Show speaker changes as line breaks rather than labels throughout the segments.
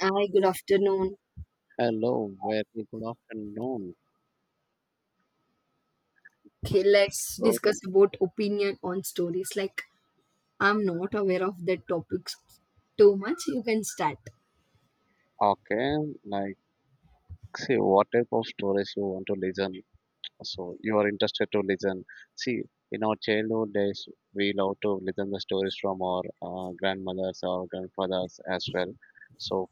Hi, good afternoon.
Hello, very good afternoon.
Okay, let's
So,
discuss about opinion on stories. Like, I'm not aware of the topics too much. You can start.
okay, like, see, what type of stories you want to listen? So, you are interested to listen. See, in our childhood days, we love to listen the stories from our grandmothers or grandfathers as well. So,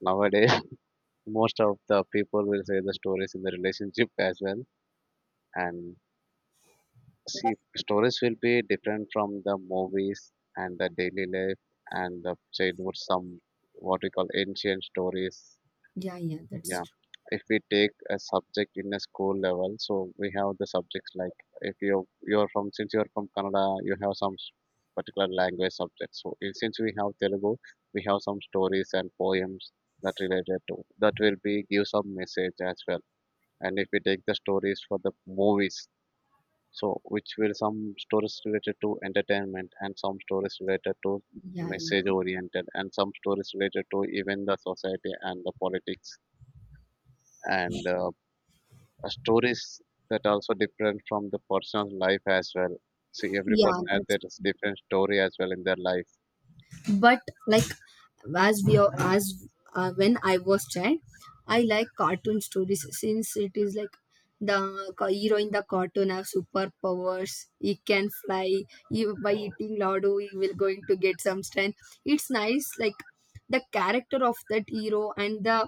nowadays, most of the people will say the stories in the relationship as well. And see, stories will be different from the movies and the daily life and the childhood some what we call ancient stories.
Yeah, yeah, that's
Yeah,
true.
if we take a subject in a school level, so we have the subjects like if you you're from since you're from Canada, you have some particular language subjects. So since we have Telugu, we have some stories and poems that related to that will be give some message as well. And if we take the stories for the movies, so which will some stories related to entertainment and some stories related to
Yeah, yeah,
message oriented and some stories related to even the society and the politics and stories that also different from the personal life as well. See, every
yeah,
person has
that's
their different story as well in their life.
but like as we are as when I was child, I like cartoon stories since it is like the hero in the cartoon have superpowers. He can fly, he, by eating lardo he will going to get some strength. It's nice, like the character of that hero and the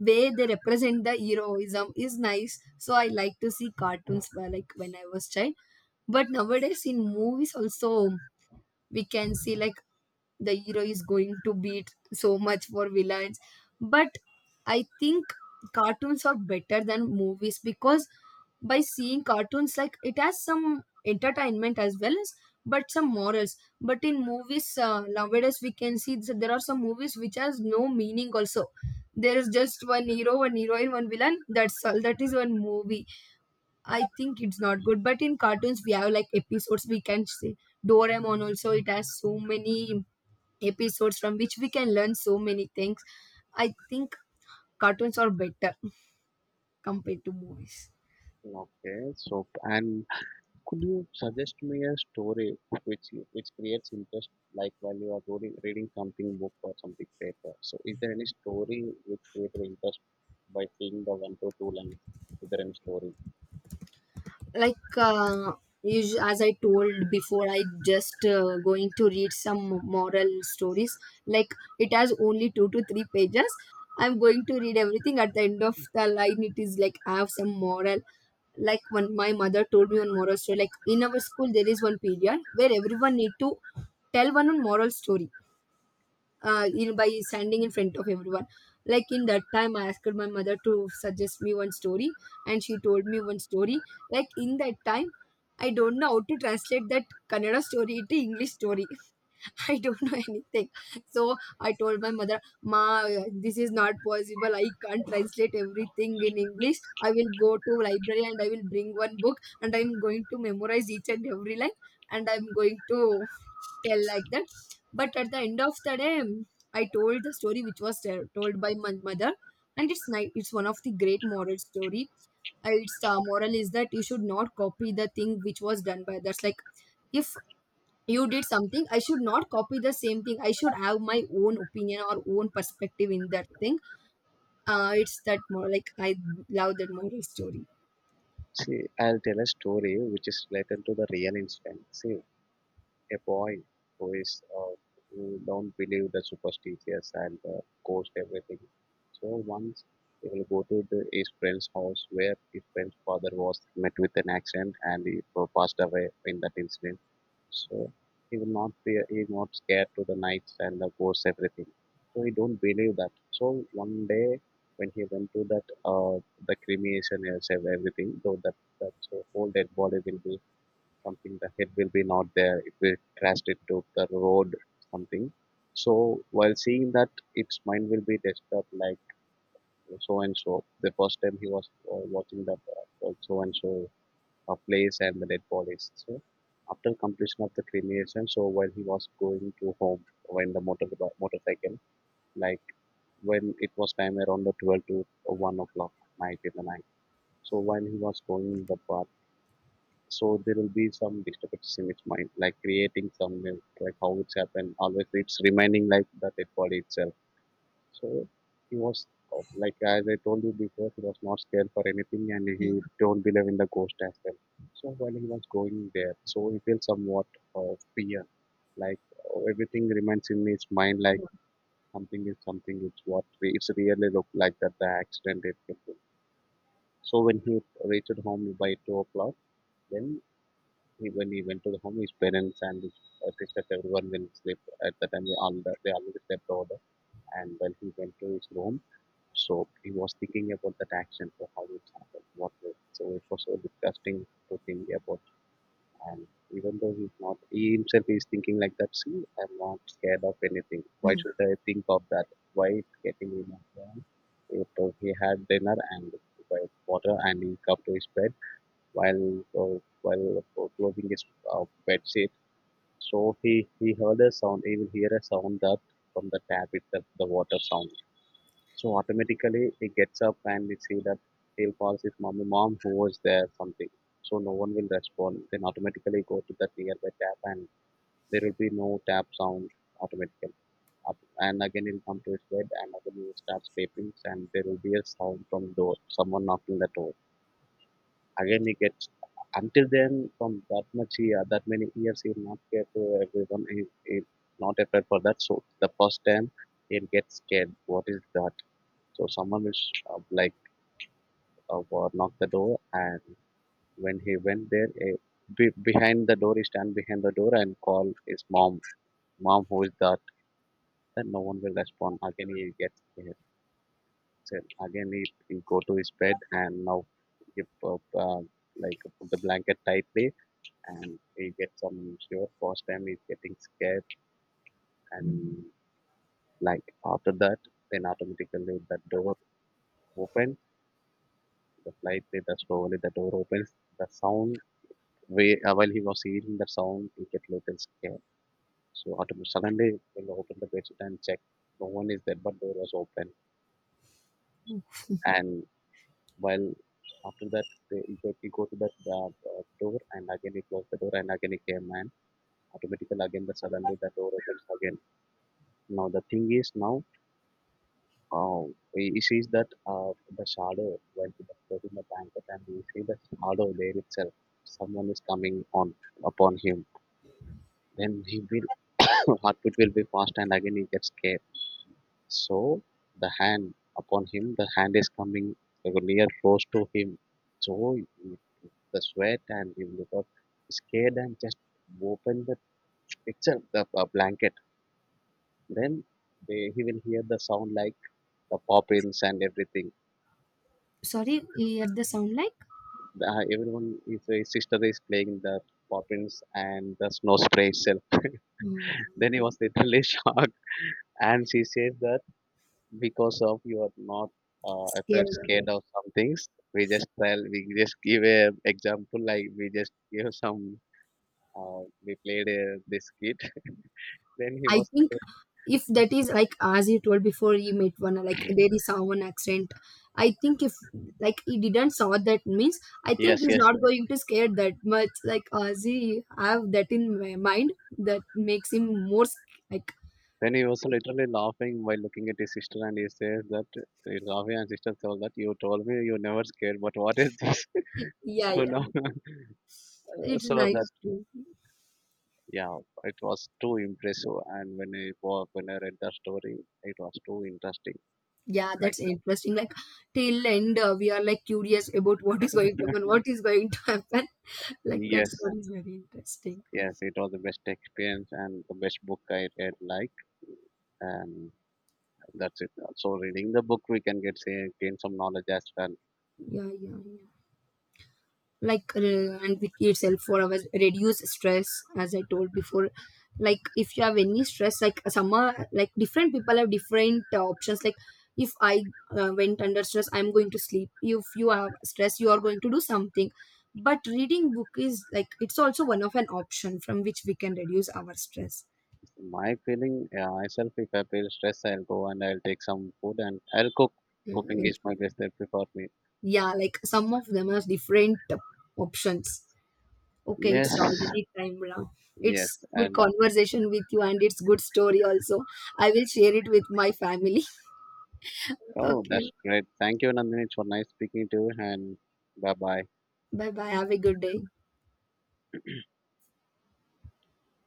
way they represent the heroism is nice, so I like to see cartoons where, like when I was child. But nowadays in movies also we can see like the hero is going to beat so much for villains. But I think cartoons are better than movies because by seeing cartoons, like, it has some entertainment as well as but some morals. But in movies nowadays we can see that there are some movies which has no meaning also. There is just one hero, one heroine, one villain, that's all, that is one movie. I think it's not good. But in cartoons, we have like episodes we can see. Doraemon also it has so many episodes from which we can learn so many things. I think cartoons are better compared to movies.
Okay, so and could you suggest me a story which creates interest, like while you are reading reading something book or something paper? So, is there any story which created interest by seeing the one to two lines? Is there any story?
Like as I told before, I just going to read some moral stories, like it has only two to three pages. I'm going to read everything. At the end of the line, it is like I have some moral. Like when my mother told me one moral story, like in our school there is one period where everyone need to tell one on moral story, by standing in front of everyone. Like in that time, I asked my mother to suggest me one story, and she told me one story. Like in that time, I don't know how to translate that Kannada story into English story. I don't know anything. So I told my mother, Ma, this is not possible. I can't translate everything in English. I will go to library and I will bring one book and I'm going to memorize each and every line and I'm going to tell like that. But at the end of the day, I told the story which was told by my mother, and it's nice. It's one of the great moral story. Its moral is that you should not copy the thing which was done by others. Like if you did something, I should not copy the same thing. I should have my own opinion or own perspective in that thing. It's that more, like I love that moral story.
See, I'll tell a story which is related to the real incident. See, a boy who is who don't believe the superstitious and ghost everything. So once he will go to the, his friend's house where his friend's father was met with an accident and he passed away in that incident. So he is not scared to the nights and the ghosts everything. So he don't believe that. So one day when he went to that the cremation and everything, so that that whole dead body will be something, the head will be not there, it will crash into the road something. So while seeing that, its mind will be disturbed like so and so. The first time he was watching that so and so place and the dead bodies. So after completion of the cremation, so while he was going to home, when the motorcycle, like when it was time around the 12 to 1 o'clock night, in the night, so while he was going the path, so there will be some disturbances in its mind, like creating some like how it's happened, always it's remaining like the dead body itself. So he was like as I told you before, he was not scared for anything and he
Yeah.
don't believe in the ghost as well. So while he was going there, so he feels somewhat of fear, like everything remains in his mind, like
Yeah.
something is something, it's what it's really look like that the accident it happened. So when he reached home by 2 o'clock, then when he went to the home, his parents and his sisters, everyone will sleep. At the time, they already slept over. And when he went to his room, so he was thinking about that action, so how it happened, what was. So it was so disgusting to think about. And even though he's not, he himself is thinking like that. See, I'm not scared of anything. Why
Mm.
should I think of that? Why it's getting me? So he had dinner and by water, and he come to his bed while uh, while closing his bed sheet. So he heard a sound. He will hear a sound that from the tap itself, the water sound. So automatically he gets up and we see that he'll call his mommy, mom, who was there, something. So no one will respond. Then automatically go to that nearby tap and there will be no tap sound automatically. And again he'll come to his bed and again he starts sleeping and there will be a sound from door, someone knocking the door. Again, he gets until then, from that much year, that many years, he will not care to everyone. He not afraid for that. So the first time he'll get scared. What is that? So someone will like knock the door, and when he went there, behind the door, he stand behind the door and call his mom. Mom, who is that? Then no one will respond. Again, he gets scared. So again, he go to his bed, and now he like put the blanket tightly and he get some sure first time he's getting scared. And like after that, then automatically the door opens, the flight data slowly, the door opens, the sound way while he was hearing the sound, he get little scared. So automatically suddenly he'll open the bedsheet and check. No one is there, but door was open. And while after that, he go to that door and again he closed the door and again he came, and automatically again the suddenly the door opens again. Now the thing is now, oh, he sees that the shadow, when he was put in the blanket, and he see the shadow there itself. Someone is coming on upon him. Then he will heartbeat will be fast, and again he gets scared. So the hand upon him, the hand is coming like near close to him. So he- the sweat, and he got scared and just open the itself the blanket. Then he will hear the sound like the poppins and everything.
Sorry, you hear the sound like?
Everyone, his sister is playing the poppins and the snow spray itself. Then he was
Mm,
literally shocked, and she said that because of you are not afraid
scared of
scared
it.
of some things, we just give a example, like we just give some we played a, this kid. Then he
I
was
think if that is like as you told before, you met one like there is someone accident. I think if like he didn't saw that, means I think
yes,
he's
yes,
not going to scare that much, like as he have that in my mind, that makes him more like.
then he was literally laughing while looking at his sister, and he says that his laughing, and sister told that you told me you never scared, but what is this.
Yeah,
So
yeah.
now
It's
so that.
nice too.
Yeah, it was too impressive, and when I when I read the story, it was too interesting.
Yeah,
Like
that's interesting. Like till end, we are like curious about what is going to happen, what is going to happen. Like that
yes,
story is very interesting.
yes, it was the best experience and the best book I read. Like and that's it. So reading the book, we can get say, gain some knowledge as well.
Yeah, yeah, yeah. Like and with itself for our reduce stress, as I told before, like if you have any stress, like some are like different people have different options. Like if I went under stress, I'm going to sleep. If you have stress, you are going to do something. But reading book is like, it's also one of an option from which we can reduce our stress.
My feeling, yeah, myself, if I feel stress, I'll go and I'll take some food and I'll cook. Cooking
Mm,
is my best therapy for me.
yeah, like some of them are different options. Okay,
Yes,
it's already time now.
yes,
It's good
and
conversation with you and it's good story also. I will share it with my family.
oh,
Okay.
that's great. Thank you, Nandini. It's for nice speaking to you, and bye bye.
Bye bye. Have a good day.